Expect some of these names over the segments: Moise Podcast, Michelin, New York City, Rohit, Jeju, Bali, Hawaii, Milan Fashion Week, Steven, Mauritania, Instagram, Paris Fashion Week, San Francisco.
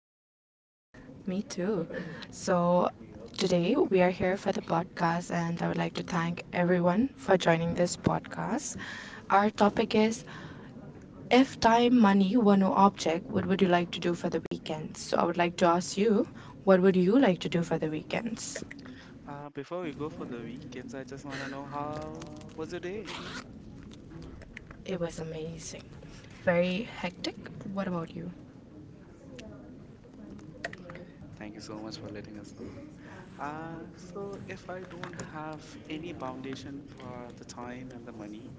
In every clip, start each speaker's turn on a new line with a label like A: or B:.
A: yourself?
B: Me too. So, today we are here for the podcast, and I would like to thank everyone for joining this podcast. Our topic is, if time, money were no object, what would you like to do for the weekend? So, I would like to ask you, what would you like to do for the weekends?
A: Before we go for the weekends, I just want to know how was your day?
B: It was amazing. Very hectic. What about you?
A: Thank you so much for letting us know. So if I don't have any foundation for the time and the money,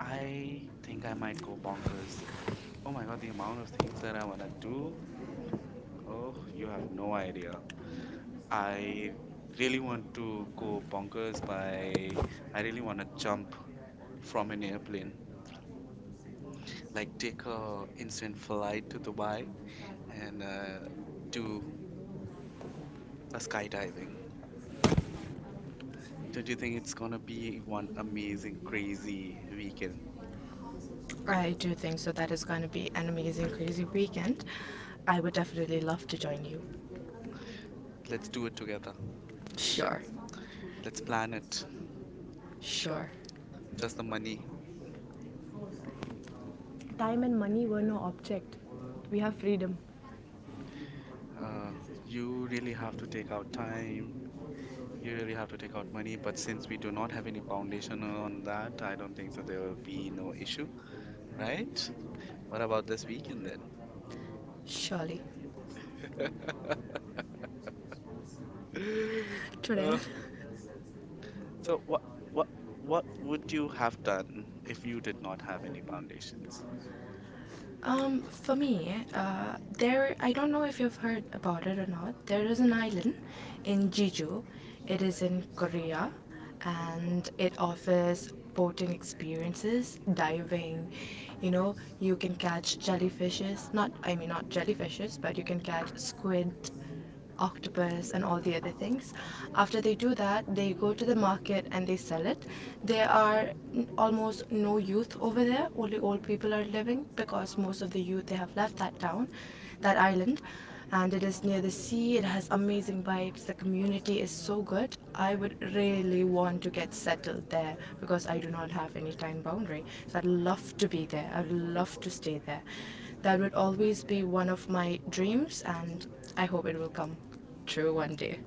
A: I think I might go bonkers. Oh my God, the amount of things that I want to do. Oh, you have no idea. I really
B: Really.
A: want to go bonkers by, I really want to jump from an airplane. Like take a
B: Like,
A: instant flight to Dubai and
B: uh,
A: do a skydiving. Don't you think it's gonna be one amazing, crazy weekend?
B: I do think so. That is going to be an amazing, crazy weekend. I would definitely love to join you. Let's
A: Let's
B: do
A: do
B: it
A: it together.
B: together. Sure.
A: Let's plan it.
B: Sure.
A: Just the money.
B: Time and money were no object. We have freedom.
A: Uh, you really have to take out time. You really have to take out money. But since we do not have any foundation on that, I don't think so. There will be no issue, right? What about this weekend then?
B: Surely. Twitter.
A: Uh, so what what what would you have done if you did not have any foundations?
B: For me, there I don't know if you've heard about it or not. There is an island in Jeju. It is in Korea, and it offers boating experiences, diving. You know, you can catch jellyfishes. Not, I mean not jellyfishes, but you can catch squid, octopus and all the other things. After they do that, they go to the market and they sell it. There are almost no youth over there, only old people are living because most of the youth they have left that town, that island. And it is near the sea, it has amazing vibes, the community is so good. I would really want to get settled there because I do not have any time boundary. So I'd love to be there, I'd love to stay there. That would always be one of my dreams, and I hope it will come true one day.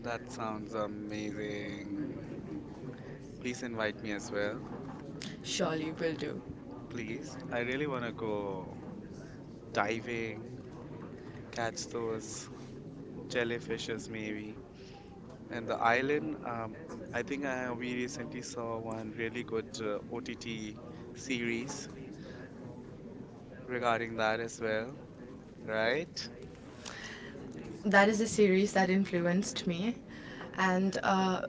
A: That sounds amazing. Please invite me as well.
B: Surely will do.
A: Please. I really want to go diving, catch those jellyfishes maybe. And the island, I think we recently saw one really good OTT series regarding that as well,
B: Right?
A: right?
B: That is a series that influenced me, and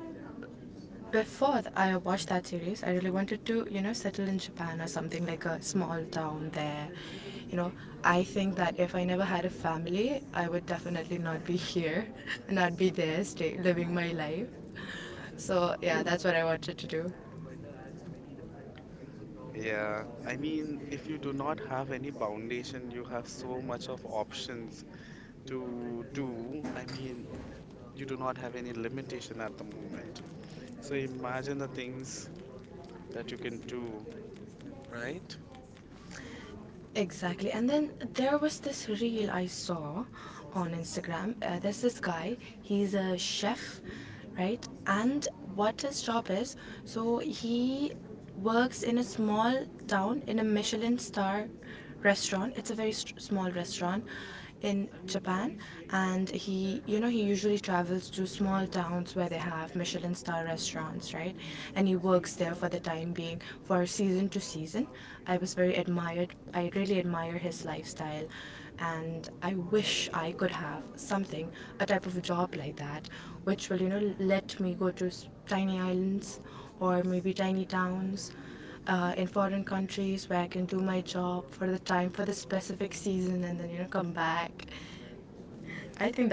B: before I watched that series, I really wanted to you know settle in Japan or something like a small town there. You know, I think that if I never had a family, I would definitely not be here, not be there, stay living my life. So yeah, that's what I wanted to do.
A: Yeah, I mean, if you do not have any foundation, you have so much of options to do. I mean,
B: You
A: you do
B: do not
A: not
B: have
A: have
B: any
A: any
B: limits of
A: limitation at the
B: time.
A: moment. So
B: Like,
A: imagine the things that you can do, right?
B: right? Exactly. And then there was this reel I saw on Instagram. There's this guy, he's a chef, right? And what his job is, so he works in a small town in a Michelin star restaurant. It's a very small restaurant in Japan, and he, you know, he usually travels to small towns where they have Michelin star restaurants, right? And he works there for the time being, for season to season. I was very admired. I really admire his lifestyle, and I wish I could have something, a type of a job like that, which will, let me go to tiny islands or maybe tiny towns in foreign countries where I can do my job for the time for the specific season and then come back. I think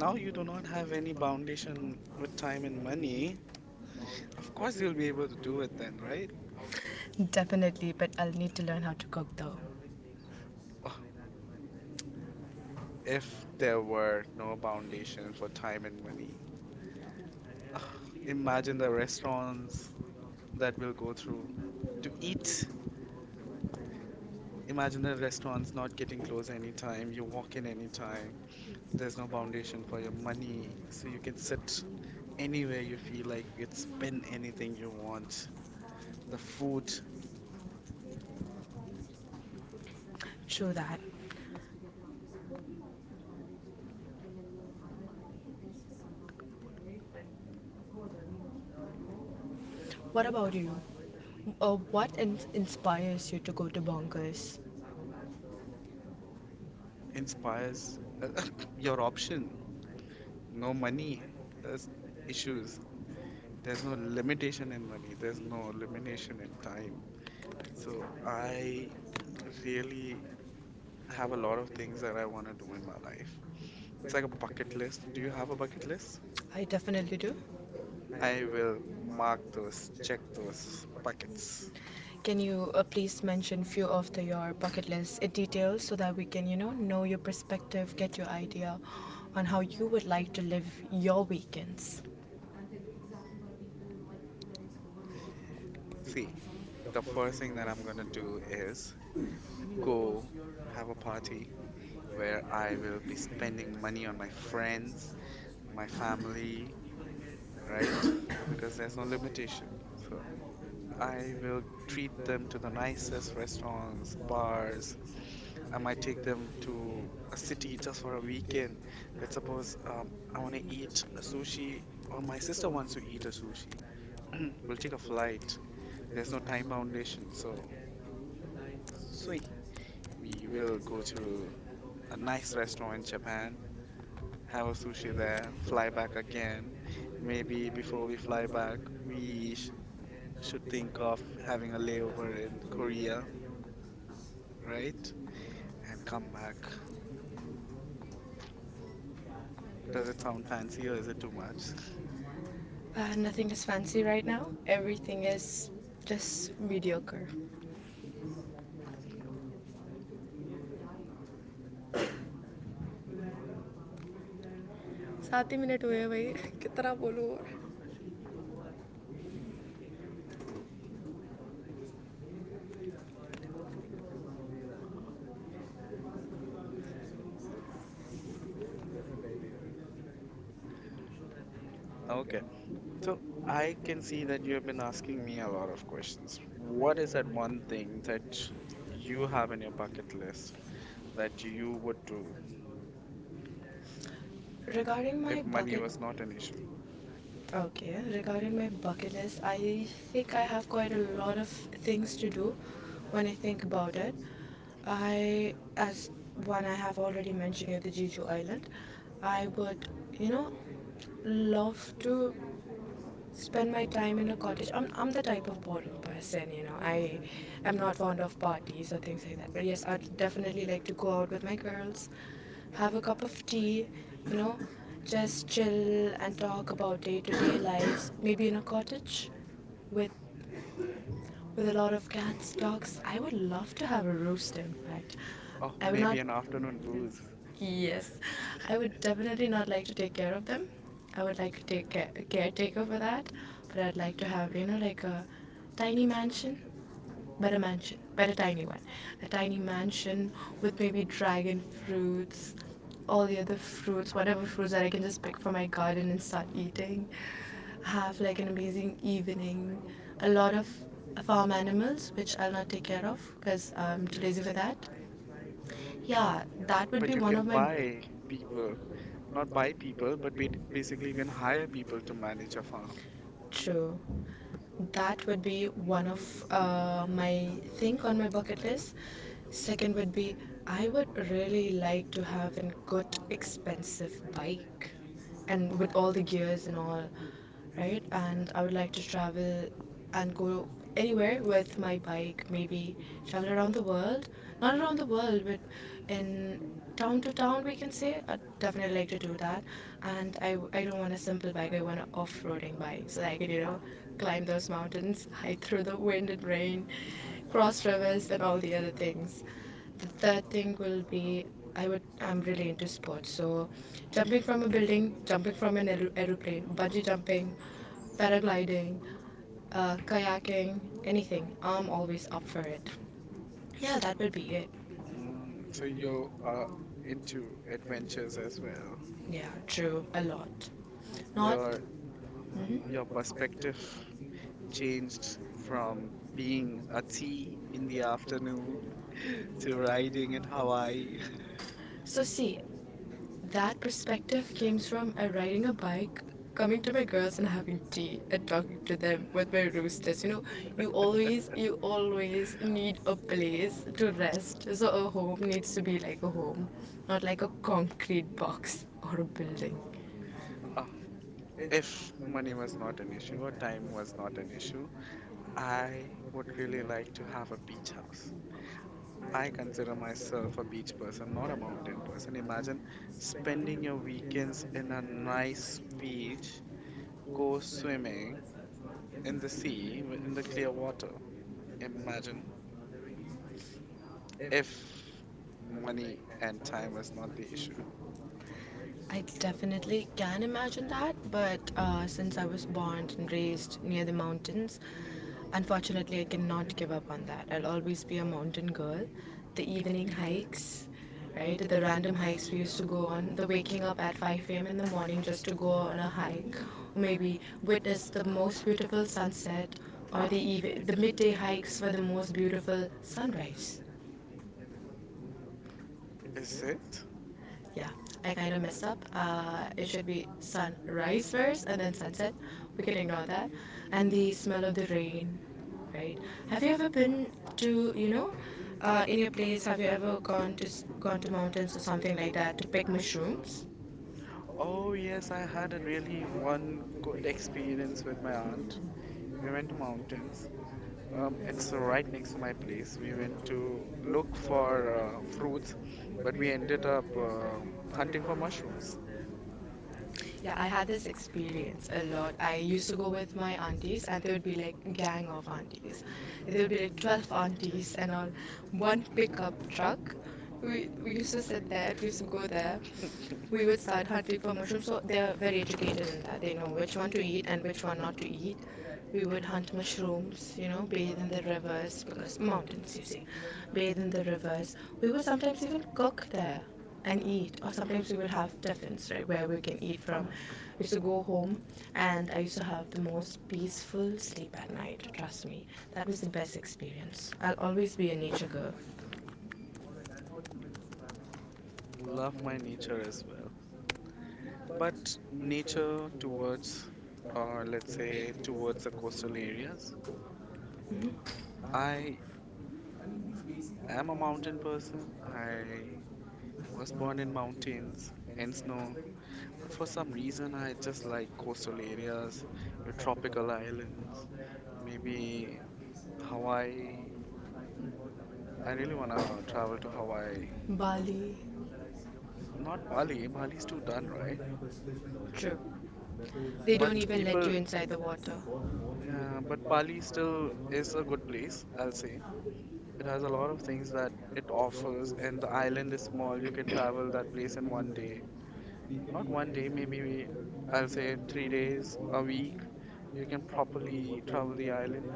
A: Now you do not have any foundation with time and money. Of course, you'll be able to do it then, right?
B: definitely, but I'll need to learn how to cook though.
A: Ugh,
B: If
A: if
B: there
A: there
B: were
A: were
B: more
A: no
B: boundaries
A: foundation
B: for
A: for
B: time
A: time
B: and
A: and money, ugh,
B: place, imagine
A: imagine
B: the
A: the
B: restaurants
A: restaurants
B: that
A: that
B: will
A: we'll
B: go
A: go through
B: through.
A: to eat.
B: Imagine
A: Imagine
B: the
A: the
B: restaurants
A: restaurants
B: not
A: not
B: getting
A: getting
B: closed
A: closed
B: every time
A: anytime.
B: you
A: You
B: walk
A: walk
B: in.
A: in anytime. There's no
B: No.
A: foundation for your money, so you can sit anywhere you feel like you can spend anything you want the food
B: True that. What about you? What inspires you to go to bonkers? Inspires
A: inspires
B: your
A: your
B: option.
A: option. No
B: No money
A: money, that's
B: issue.
A: issues.
B: There's
A: There's no
B: no limitation.
A: limitation in money.
B: There's
A: There's no
B: no
A: limitation
B: limitation.
A: in time.
B: So
A: So
B: I really
A: I really
B: have
A: have
B: a
A: a
B: lot of
A: lot of
B: things
A: things
B: that I
A: that I
B: want to
A: want to do in my
B: do.
A: life.
B: It's
A: It's
B: like a
A: like a
B: bucket
A: bucket
B: list.
A: list.
B: Do you
A: Do you
B: have
A: have
B: a
A: a
B: bucket
A: bucket list?
B: list? I definitely do. I
A: I
B: will
A: will
B: mark,
A: mark those,
B: check
A: check those
B: those
A: buckets.
B: buckets. Can you please mention few of the, your bucket list details so that we can, know your perspective, get your idea on how you would like to live your weekends? See,
A: See,
B: the
A: the
B: first
A: first
B: thing
A: thing
B: that
A: that
B: I'm
A: I'm
B: gonna
A: gonna
B: do
A: do
B: is,
A: is
B: I mean, of course,
A: go
B: your have a
A: have a
B: party
A: party
B: where
A: where
B: I like
A: I will be
B: will spend
A: spending
B: money
A: money
B: on
A: on my
B: my friends,
A: friends, my
B: my family,
A: family,
B: right? There's
A: right?
B: no limitation.
A: Because there's no limitation. So
B: I will treat them
A: I will
B: to the
A: treat them to the
B: nicest
A: nicest
B: restaurants,
A: restaurants,
B: bars.
A: bars.
B: I
A: I
B: might
A: might
B: take
A: take
B: them
A: them
B: to
A: to
B: a
A: a
B: city
A: city
B: just
A: just
B: for
A: for
B: a
A: a
B: weekend.
A: weekend.
B: Let's
A: Let's
B: suppose
A: suppose I
B: I
A: want
B: make
A: to
B: meat
A: eat a sushi, or
B: sushi.
A: my
B: Sister
A: sister
B: wants
A: wants
B: to
A: to
B: see
A: eat
B: the
A: a sushi.
B: sushi. We'll
A: We'll
B: take
A: take
B: a
A: a
B: flight.
A: flight.
B: There's
A: There's
B: no
A: no
B: time
A: time foundation, so
B: limitation. Sweet.
A: sweet. We
B: You're a
A: will
B: good friend.
A: go to a
B: Nice
A: nice
B: restaurant
A: restaurant
B: in
A: in
B: Japan.
A: Japan,
B: Have a
A: have a sushi
B: sushi there.
A: there,
B: Fly
A: fly
B: back
A: back
B: again.
A: again.
B: Maybe
A: Maybe
B: before
A: before
B: we
A: we
B: fly
A: fly
B: back,
A: back,
B: we
A: we should
B: should think
A: think
B: of
A: of
B: having a
A: having a
B: layover
A: layover in
B: to Korea,
A: Korea,
B: right?
A: right?
B: And
A: And
B: come
A: come back.
B: back. Because
A: Does
B: it's
A: it
B: not
A: sound fancy or
B: fancy.
A: is it too much?
B: Nothing is fancy right now. Everything is just mediocre. सात ही minute हुए हैं भाई कितना बोलूँ
A: Okay. So I can see that you have been asking me a lot of questions. What is that one thing that you have in your bucket list that you would do
B: Regarding my
A: if money
B: bucket
A: was not an issue?
B: Okay, regarding my bucket list, I think I have quite a lot of things to do when I think about it. I, as one I have already mentioned here, the Jeju Island, I would, you know, love to spend my time in a cottage. I'm the type of boring person, you know. I am not fond of parties or things like that. But yes, I'd definitely like to go out with my girls, have a cup of tea, you know, just chill and talk about day to day lives. Maybe in a cottage with a lot of cats, dogs. I would love to have a rooster, in fact.
A: Oh,
B: I would not.
A: maybe an afternoon booze.
B: Yes, I would definitely not like to take care of them. I would like to take care, a caretaker for that, but I'd like to have you know like a tiny mansion, but a tiny one, a tiny mansion with maybe dragon fruits, all the other fruits, whatever fruits that I can just pick from my garden and start eating. Have like an amazing evening, a lot of farm animals which I'll not take care of because I'm too lazy for that. Yeah, that would
A: But
B: be
A: you
B: one
A: can
B: of my...
A: buy people, not buy people, but basically you can hire people to manage a farm.
B: True. That would be one of my thing on my bucket list. Second would be I would really like to have a good expensive bike and with all the gears and all, right? And I would like to travel and go anywhere with my bike, maybe travel around the world. Not around the world, but in town to town we can say. I definitely like to do that, and I don't want a simple bike. I want an off-roading bike so that I could climb those mountains hike through the wind and rain, cross rivers and all the other things. The third thing will be, I'm really into sports, so jumping from a building, jumping from an aeroplane, bungee jumping, paragliding, kayaking, anything I'm always up for it. Yeah, that would be it.
A: So
B: So
A: you are
B: into
A: into
B: adventures
A: adventures
B: as
A: as well.
B: well. Yeah, true. A lot. Not.
A: Your
B: Mhm. Your
A: your
B: perspective
A: perspective
B: changed
A: changed
B: from
A: from
B: being
A: being a
B: at
A: tea in
B: sea
A: the
B: after
A: afternoon
B: this
A: to
B: to riding
A: riding
B: in
A: in Hawaii.
B: Hawaii. So, see, that perspective came from riding a bike, coming to my girls and having tea and talking to them with my roosters. You know, you always need a place to rest. So, a home needs to be like a home, not like a concrete box or a building.
A: Oh,
B: If
A: if
B: money
A: money
B: was
A: was not
B: limited,
A: an issue
B: what
A: or
B: time
A: time
B: was
A: was not an
B: not.
A: issue, I
B: I would
A: would
B: really
A: really
B: like to
A: like to
B: have
A: have a beach
B: a...
A: house. I consider myself a beach person, not a mountain person.
B: Imagine
A: Imagine spending your
B: spending
A: weekends in a
B: nice.
A: nice beach, go swimming in the sea, in the clear water. Imagine if
B: If
A: money and time was not
B: and
A: the issue.
B: I definitely can imagine that, but since I was born and raised near the mountains, unfortunately, I cannot give up on that. I'll always be a mountain girl. The evening hikes, right? The random hikes we used to go on, the waking up at 5 a.m. in the morning just to go on a hike, or maybe witness the most beautiful sunset, or the, the midday hikes for the most beautiful sunrise.
A: Is it?
B: Yeah, I kind of messed up. It should be sunrise first and then sunset. We can ignore that. And the smell of the rain, right? Have you ever been to, you know, in your place, have you ever gone to gone to mountains or something like that to pick mushrooms?
A: Oh, yes, I had a really one good experience with my aunt. We went to mountains. It's
B: Right.
A: right next to my place. We went to look for fruits,
B: uh,
A: but
B: uh,
A: we ended up hunting for
B: Mushrooms.
A: mushrooms.
B: Yeah, I had this experience a lot. I used to go with my aunties, and there would be like gang of aunties. There would be like 12 aunties and all, one pickup truck. We used to sit there. We used to go there. We would start hunting for mushrooms. So they are very educated in that. They know which one to eat and which one not
A: Hmm.
B: to eat. We would hunt mushrooms, you know, bathe in the rivers because mountains, you see, bathe in the rivers. We would sometimes even cook there and eat, or sometimes we would have tiffins, right, where we can eat from. We used to go home, and I used to have the most peaceful sleep at night. Trust me, that was the best experience. I'll always be a nature girl,
A: Love my nature as well.
B: but
A: But
B: nature
A: nature
B: towards,
A: towards,
B: uh,
A: or
B: let's
A: let's
B: say,
A: say
B: towards the
A: towards the coastal
B: person.
A: areas,
B: Mhm. I,
A: I
B: I mean, these bees have a
A: am a
B: mountain.
A: mountain person.
B: I
A: I
B: was
A: was
B: born in
A: born in
B: Mauritania,
A: mountains,
B: hence
A: in
B: known as
A: snow,
B: very,
A: but
B: for
A: for
B: some
A: some
B: reason,
A: reason
B: I
A: I
B: just
A: just
B: like
A: like
B: coastal
A: coastal areas, your
B: the tropical
A: tropical islands,
B: island.
A: maybe
B: Hawaii,
A: Hawaii.
B: I really
A: I really
B: wanna
A: wanna
B: travel
A: travel to
B: to
A: Hawaii.
B: Hawaii. Bali.
A: Not Bali, Bali's too done, right?
B: True. They don't
A: But
B: even let you
A: people,
B: inside the water.
A: but Bali still is a good place, I'll say. It has a lot of things that it offers, and the island is small. You can travel that place in one day, not one day, maybe I'll say 3 days, a week, you can properly travel the island.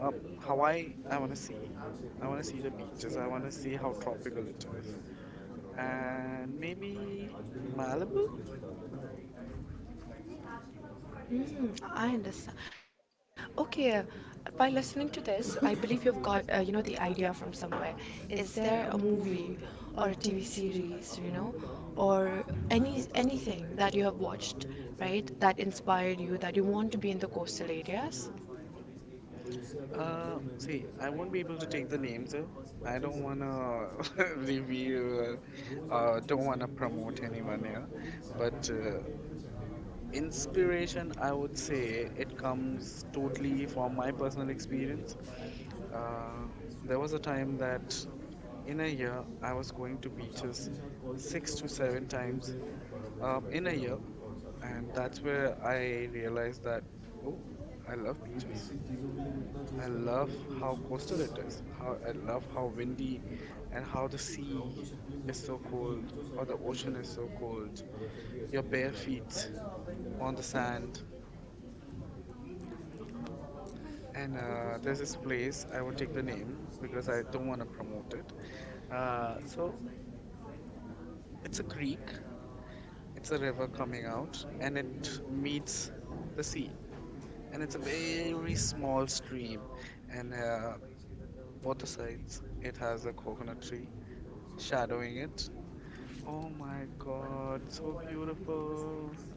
A: Um, Hawaii, I want to see. I want to see the beaches. I want to see how tropical it is. And maybe Malibu?
B: Mm, I understand. Okay, by listening to this, I believe you've got you know the idea from somewhere. Is there a movie or a TV series, you know, or anything that you have watched, right? That inspired you that you want to be in the coastal areas?
A: See, I won't be able to take the names though. I don't want to reveal, don't want to promote anyone here. But inspiration, I would say, it comes totally from my personal experience. Uh,
B: There
A: there
B: was
A: was
B: a
A: a
B: time
A: time
B: that
A: that
B: in
A: in a
B: a year
A: year I
B: I was
A: was going
B: going to
A: to
B: do
A: beaches
B: something six
A: six
B: to
A: to
B: seven
A: seven
B: times. But in
A: times
B: a year,
A: in a year, and
B: that's
A: that's where
B: where I
A: I
B: realized
A: realized
B: that
A: that,
B: oh,
A: oh, I love
B: अभी
A: beaches.
B: Basic चीज़ों के लिए इतना change
A: I
B: करना
A: love how
B: पड़े
A: coastal it is, how I love how windy and how the
B: तो ground
A: sea
B: तो simply
A: is
B: बोलते
A: so
B: हैं कि
A: cold
B: जो
A: or
B: साइड
A: the
B: पे कर रहे
A: ocean is so cold.
B: हैं अगर फिर भी ऐसे
A: Your
B: प्लेयर
A: bare
B: गाड़ी आप
A: feet
B: सही से बात नहीं
A: on the sand.
B: करेंगे
A: And there's
B: this
A: this
B: place,
A: place, I
B: I
A: won't
B: have
A: take the
B: been
A: name
B: to
A: because
B: the
A: I
B: side of
A: don't
B: one
A: want to promote it. Uh,
B: of the,
A: so
B: uh, It's
A: it's
B: a
A: a
B: creek.
A: creek.
B: It's
A: It's
B: a
A: a
B: river
A: river
B: that
A: coming
B: the
A: out
B: out and
A: and
B: it
A: it
B: meets
A: meets
B: the
A: the
B: sea.
A: sea.
B: And
A: And
B: it's
A: it's a
B: a very
A: very
B: small
A: small
B: stream,
A: stream.
B: and
A: And
B: what
A: both the
B: is it?
A: sides,
B: It
A: it
B: has
A: has a
B: a
A: coconut tree
B: very shadow in
A: shadowing it.
B: it.
A: Oh my
B: But
A: God, so
B: what I mean for this
A: beautiful.
B: is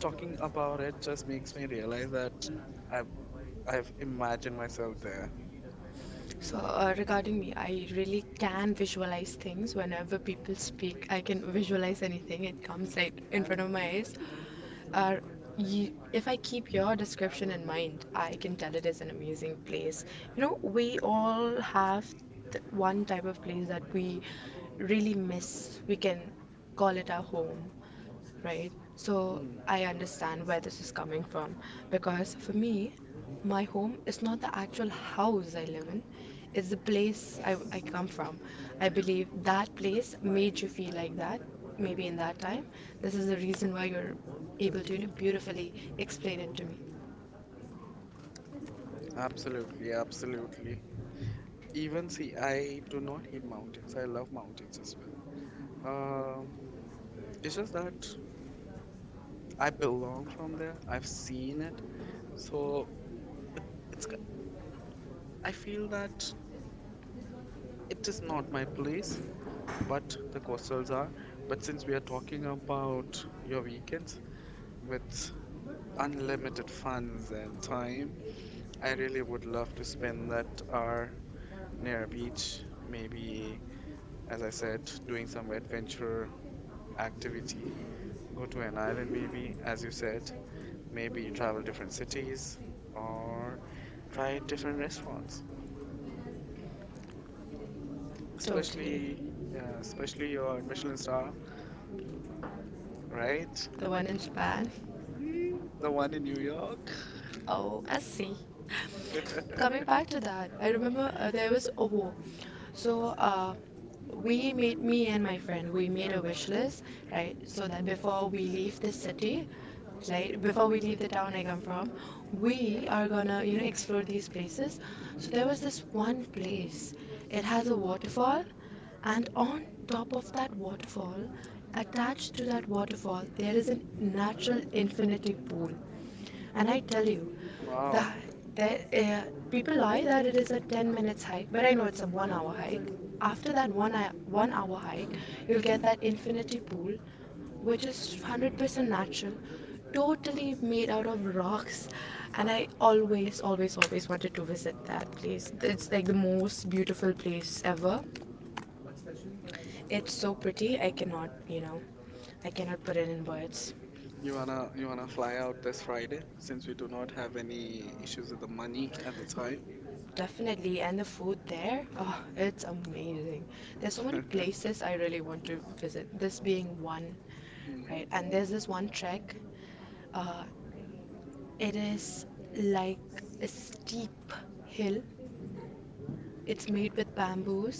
B: talking about
A: about it
B: it just
A: just makes
B: makes
A: me
B: me realize
A: realize that
B: that
A: I've,
B: I've
A: I've
B: imagined
A: imagined myself
B: myself
A: there.
B: so, regarding me, I really can visualize things whenever people speak. I can visualize anything, it comes right in front of my eyes. Uh, if I keep your description in mind, I can tell it is an amazing place. You know, we all have one type of place that we really miss, we can call it our home, right? So
A: Hmm.
B: I understand where this is coming from because for me, my home is not the actual house I live in, it's the place I come from. I believe that place made you feel like that, maybe in that time. This is the reason why you're able to, you know, beautifully explain it to me.
A: Absolutely, absolutely. Even see, I do not hate mountains. I love mountains as well.
B: Um,
A: It's just that
B: I
A: I belong
B: belong.
A: from there.
B: I've
A: I've
B: seen
A: seen
B: it.
A: it. So it, it's ki-
B: So I
A: I feel that
B: think it
A: it is
B: doesn't have
A: not my
B: an
A: place,
B: amazing
A: but the
B: what results
A: coastals
B: are,
A: are.
B: but
A: But
B: since
A: since we
B: we
A: are
B: are
A: talking
B: talking about
A: about
B: your
A: your
B: weekends,
A: weekends
B: that's
A: with
B: unlimited fun
A: unlimited funds
B: all
A: and
B: the
A: time,
B: time. I
A: I
B: really
A: really
B: would
A: would
B: love
A: love
B: to
A: to
B: spend
A: spend
B: that
A: that
B: far
A: hour
B: near a
A: near a
B: beach,
A: beach, maybe
B: as
A: as
B: I
A: I
B: said,
A: said,
B: doing
A: doing
B: some
A: some
B: adventure
A: adventure
B: activities.
A: activity,
B: Go
A: go
B: to
A: to an island
B: an
A: maybe,
B: as
A: as
B: you
A: you
B: said,
A: said, maybe
B: maybe travel
A: travel different
B: to cities
A: cities
B: or
A: or
B: trying
A: try
B: different
A: different restaurants.
B: restaurants. Totally.
A: Especially yeah, especially your Michelin star, right?
B: Right? The one in Japan.
A: Mm, the one in New York.
B: Oh, I see. Coming back to that, I remember there was a war. So we made me and my friend, we made a wish list, right? So that before we leave this city, like before we leave the town I come from, we are gonna, you know, explore these places. So there was this one place. It has a waterfall, and on top of that waterfall, attached to that waterfall, there is a natural infinity pool, and I tell you, that,
A: Wow,
B: that people lie that it is a 10 minutes hike, but I know it's a 1 hour hike. After that 1 hour hike, you'll get that infinity pool, which is 100% natural, totally made out of rocks. And I always, always, always wanted to visit that place. It's like the most beautiful place ever. It's so pretty, I cannot, you know, I cannot put it in words.
A: you wanna fly out this Friday since we do not have any issues with the money and the time.
B: Definitely, and the food there, oh, it's amazing. There's so many places I really want to visit, this being one,
A: Hmm.
B: right? And there's this one trek, it is like a steep hill. It's made with bamboos,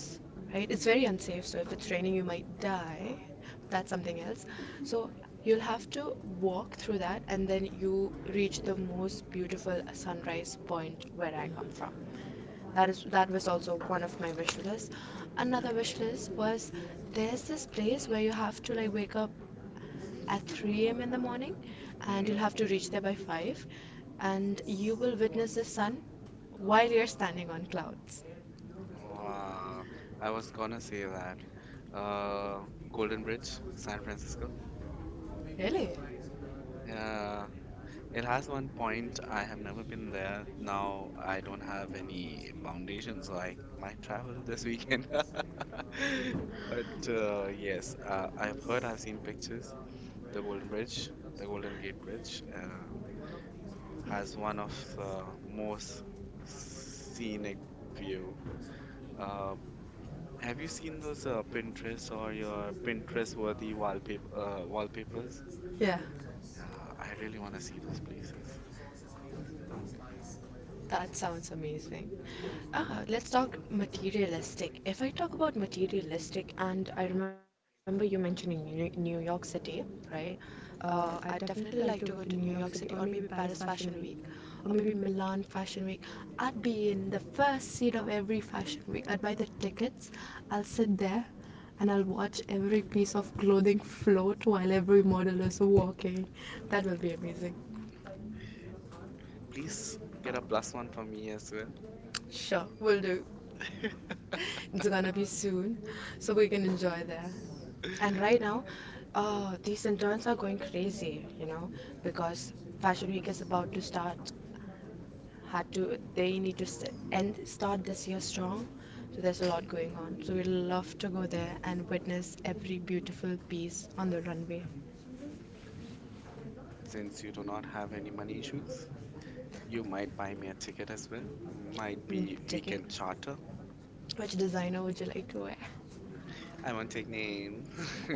B: right? It's very unsafe, so if it's raining, you might die. That's something else. So you'll have to walk through that, and then you reach the most beautiful sunrise point where I come from. That was also one of my wish lists. Another wish list was there's this place where you have to like wake up at 3 a.m. in the morning, and
A: Hmm.
B: you'll have to reach there by 5, and you will witness the sun while you're standing on clouds. I
A: Wow, I
B: was
A: was
B: gonna
A: gonna
B: say
A: say that.
B: that.
A: Uh,
B: Uh, Golden
A: Golden
B: Bricks,
A: Bridge,
B: San
A: San Francisco.
B: Francisco. Really?
A: Yeah,
B: It
A: it
B: has
A: has
B: one
A: one
B: point at
A: point. I
B: uh,
A: have never been there.
B: now
A: Now
B: I
A: I don't have
B: am so
A: any
B: speak.
A: foundations, so
B: So
A: I might
B: I-
A: travel this
B: I-
A: weekend.
B: I-
A: But
B: But,
A: yes, I've heard, I've seen pictures. The Golden Bridge, the Golden Gate Bridge, has one of the most scenic view. Uh, have you seen those Pinterest or your Pinterest-worthy wallpapers?
B: yeah.
A: Yeah, I really want to see those places.
B: That sounds amazing. Ah, let's talk materialistic. If I talk about materialistic, and I remember you mentioning New York City, right? I'd definitely like to go to New York City or maybe Paris Fashion Week or maybe Milan Fashion Week. I'd be in the first seat of every fashion week. I'd buy the tickets, I'll sit there and I'll watch every piece of clothing float while every model is walking. That will be amazing.
A: Please get a plus one for me as well.
B: Sure, we'll do. It's gonna be soon, so we can enjoy there. And right now, these interns are going crazy, you know, because Fashion Week is about to start. Had to they need to st- end start this year strong, so there's a lot going on. So we love to go there and witness every beautiful piece on the runway.
A: Since you do not have any money issues, you might buy me a ticket as well. Might
B: Mm,
A: be we
B: ticket.
A: can charter.
B: Which designer would you like to wear? I
A: I won't
B: would say,
A: take names.
B: mm,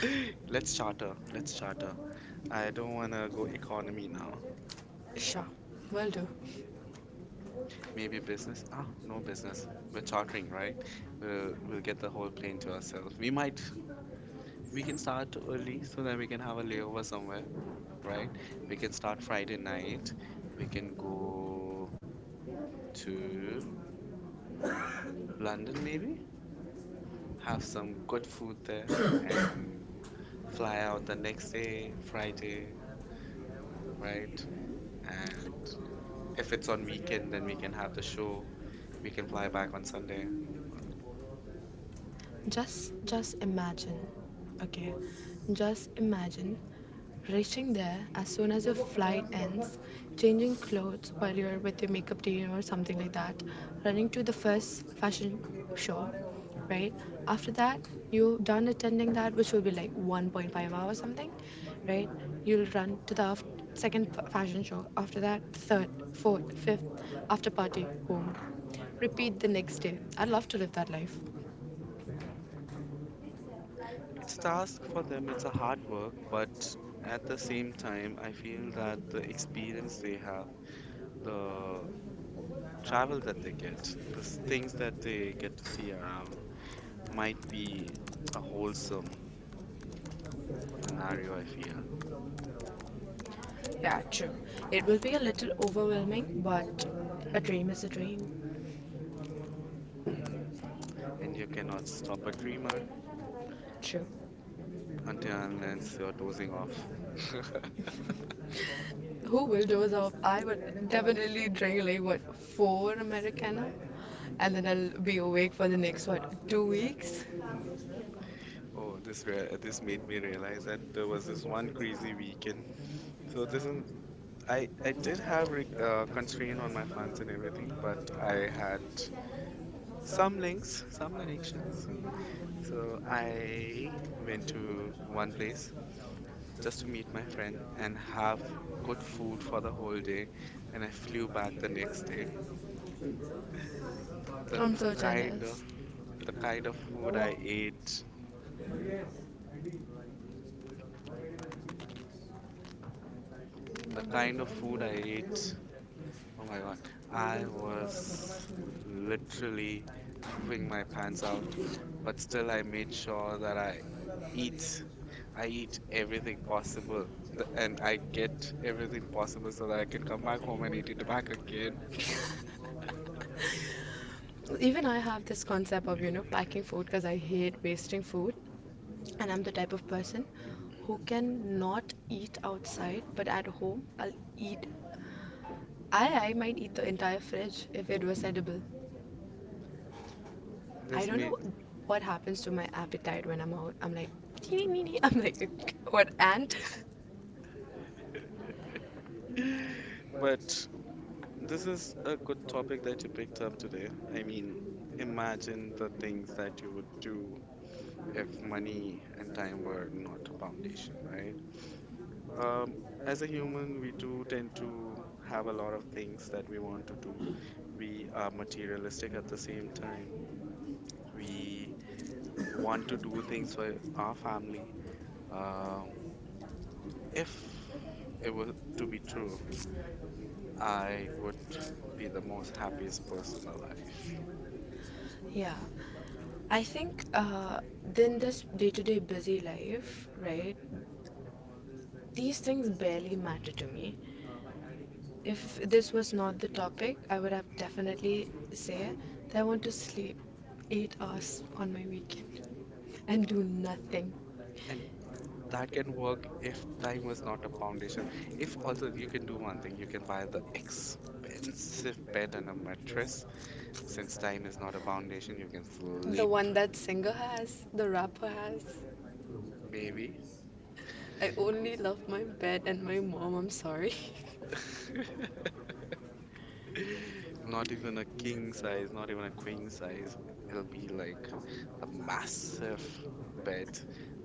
B: let's
A: Let's
B: start up.
A: charter. Let's charter.
B: I
A: I don't
B: don't
A: wanna
B: want to
A: go economy
B: go
A: now.
B: for. Sure, will do.
A: Maybe business. Ah, no business. We're chartering, right? We'll get the whole plane to ourselves.
B: We
A: We
B: might
A: might we can
B: restart
A: start
B: the
A: early
B: routine
A: so
B: so
A: that we
B: we
A: can
B: can
A: have
B: have
A: a
B: a game
A: layover
B: for someone.
A: somewhere, right? We
B: We
A: can
B: can start
A: start Friday
B: Friday night.
A: night. We can go to London maybe? Have
B: Have some
A: some
B: good
A: good
B: food
A: food there,
B: there. Fly
A: and fly out the
B: the next
A: next
B: day,
A: day,
B: Friday.
A: Friday,
B: Right.
A: right? And
B: And
A: if
B: if
A: it's
B: it's
A: on
B: on Sunday, then
A: weekend, then we
B: we
A: can
B: can
A: have
B: have
A: the
B: the show.
A: show. We
B: We
A: can
B: can
A: fly
B: fly back
A: back on
B: on
A: Sunday.
B: Sunday. Just imagine, okay, just imagine reaching there as soon as your flight ends, changing clothes while you're with your makeup team or something like that, running to the first fashion show, right? After that you done attending that, which will be like 1.5 hours something, right, you'll run to the second fashion show, after that third, fourth, fifth, after party, home, repeat the next day. I would love to live that life.
A: It's a task for them, it's a hard work, but at the same time, I feel that the experience they have, the travel that they get, the things that they get to see around might be a wholesome scenario, I feel.
B: Yeah, true. It will be a little overwhelming, but a dream is a dream.
A: And you cannot stop a dreamer.
B: True.
A: Until and unless you're dozing off.
B: Who will doze off? I would definitely drink like what, 4 Americano, and then I'll be awake for the next what, 2 weeks.
A: Mm. Oh, this made me realize that there was this one crazy weekend. So this is I did have re constraint on my funds and everything, but I had
B: Some
A: some
B: links,
A: links, some connections. So I went to one place
B: just
A: just to
B: meet
A: meet
B: my
A: my
B: friend
A: friend
B: and
A: and
B: have
A: have good
B: food
A: food
B: for
A: for
B: the
A: the whole
B: holiday
A: day,
B: and
A: and I flew
B: I flew
A: back the
B: back.
A: next day. The
B: I'm so
A: kind
B: jealous.
A: of the kind of food I ate, the kind of food I ate. Oh my God. I was literally pooping my pants out,
B: But
A: but
B: still
A: still
B: I
A: I
B: made
A: made
B: sure
A: sure
B: that
A: that I
B: I eat,
A: eat.
B: I
A: I
B: eat
A: eat
B: everything
A: everything
B: possible,
A: possible and
B: and I
A: I
B: get
A: get
B: everything
A: everything
B: possible
A: possible
B: so
A: so
B: that
A: that
B: I
A: I
B: can
A: can
B: come
A: come back
B: back
A: home and eat it
B: home.
A: back again.
B: Even I have this concept of, you know, packing food because I hate wasting food and I'm the type of person who can not eat outside, but at home I'll eat, I might eat the entire fridge if it was edible. I
A: This
B: don't
A: made.
B: know what happens to my appetite when I'm out. I'm like, "Nee, nee, nee." I'm like what ant
A: But this is a good topic that you picked up today. I mean, imagine the things that you would do if money and time were not a foundation, right? Um, as a human, we do tend to have a lot of things that we want to do. We are
B: uh,
A: materialistic at the same time. We want to do things for our
B: like.
A: family. Um, if it were to be true, I would be the most happiest person alive.
B: Yeah. I think then this day to day busy life, right? These things barely matter to me. If this was not the topic, I would have definitely said that I want to sleep 8 hours on my weekend and do nothing.
A: And that can work if time was not a foundation. If also you can do one thing, you can buy the expensive bed and a mattress. Since time is not a foundation, you can
B: The
A: sleep,
B: one that singer has, the rapper has.
A: maybe.
B: I only love my bed and my mom, I'm sorry.
A: Not even a king size, not even a queen size. It'll be like the massive bed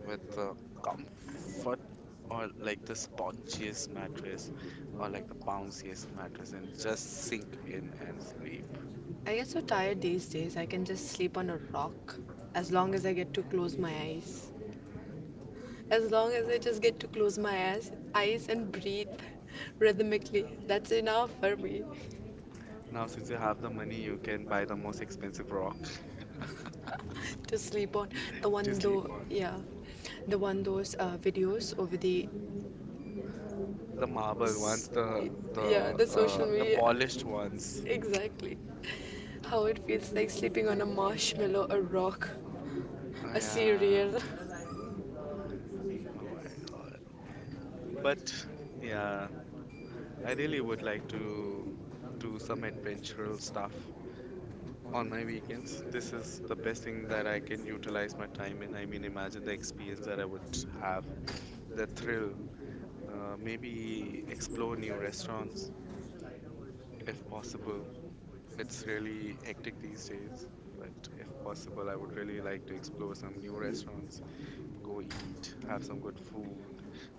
A: with the comfort or like the spongiest mattress or like the bounciest mattress and just sink in and sleep.
B: I get so tired these days, I can just sleep on a rock as long as I get to close my eyes. As long as I just get to close my eyes and breathe rhythmically. That's enough for me.
A: Now, since you have the money, you can buy the most expensive rock
B: To sleep on the
A: to
B: one
A: sleep
B: though,
A: on.
B: yeah, the one those videos over the
A: The marble ones,
B: s-
A: the
B: yeah,
A: the
B: the social
A: uh, the
B: media,
A: polished ones.
B: exactly how it feels like sleeping on a marshmallow, a rock,
A: Oh,
B: a
A: yeah.
B: cereal.
A: Oh my God. But yeah, I really would like to do some adventurous stuff
B: This is what
A: on my weekends. This is the best thing
B: I
A: that I
B: usually
A: can
B: want
A: utilize my time in. I mean, imagine the experience that I would have, the thrill, maybe explore new restaurants if possible. It's really hectic these days, but if possible, I would really like to explore some new restaurants, go eat, have some good food,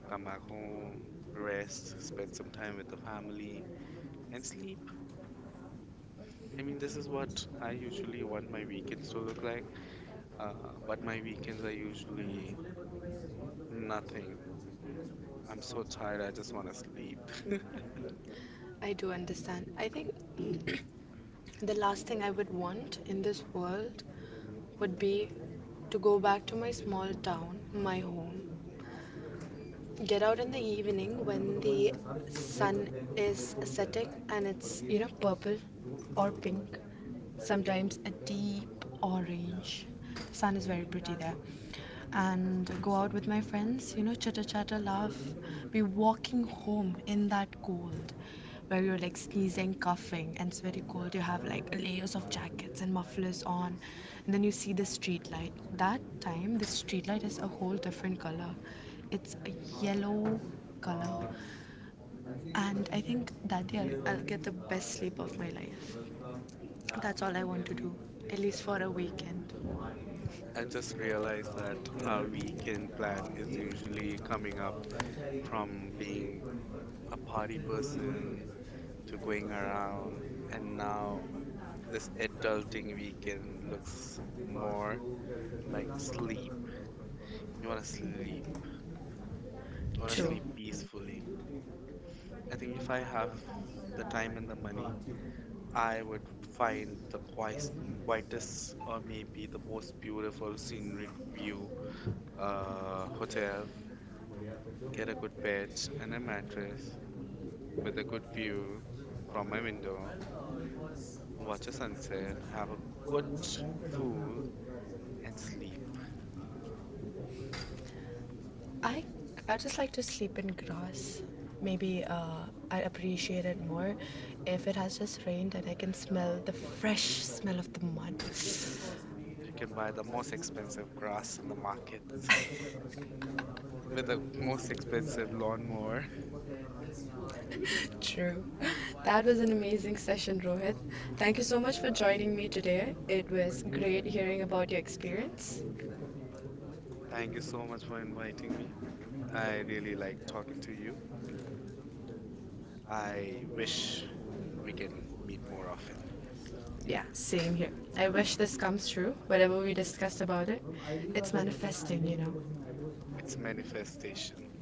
A: come back home, rest, spend some time with the family, and sleep. I mean, this is what I
B: my
A: usually want my
B: videos
A: weekends
B: to
A: to
B: look
A: look like,
B: like.
A: but my weekends are
B: Like,
A: usually nothing. I'm so tired, I
B: uh,
A: just want to sleep.
B: uh, I do understand. I think the last thing I would want in this world would be to go back to my small town, my home, get out in the evening when the sun is setting and it's, you know, purple or pink, sometimes a deep orange. Sun is very pretty there, and go out with my friends, you know, chitter chatter, laugh, be walking home in that cold where you're like sneezing, coughing, and it's very cold. You have like layers of jackets and mufflers on. And then you see the street light. That time, the street light is a whole different color. It's a yellow color, and I think that year I'll get the best sleep of my life. That's all I want to do, at least for a weekend.
A: I just realized that our weekend plan is usually coming up from being a party person to going around, and now this adulting weekend looks more like sleep. You want to sleep. You want to
B: True.
A: sleep peacefully.
B: I
A: I think if I have
B: would
A: the time and the money, I
B: fight
A: would find the
B: white
A: quiet,
B: whiteness.
A: quietest
B: Of the
A: or maybe the
B: most
A: most
B: beautiful
A: beautiful scenic
B: city.
A: view
B: Uh, hotel.
A: hotel,
B: Bed.
A: get a good bed and a
B: And then
A: mattress
B: view
A: with a good view from
B: from-
A: my window, watch a sunset, have a
B: Sir,
A: good
B: what time could Dr.
A: food
B: Apple
A: and sleep.
B: arrive? I I just like to sleep in grass. Maybe I appreciate it more if it has just rained and I can smell the fresh smell of the mud.
A: You can buy the most expensive grass in the market with the most expensive lawnmower.
B: True. That was an amazing session, Rohit. Thank you so much for joining me today. It was great hearing about your experience.
A: Thank you so much for inviting me. I really like talking to you. I wish we can meet more often.
B: Yeah, same here. I wish this comes true. Whatever we discussed about it, it's manifesting, you know.
A: It's manifestation.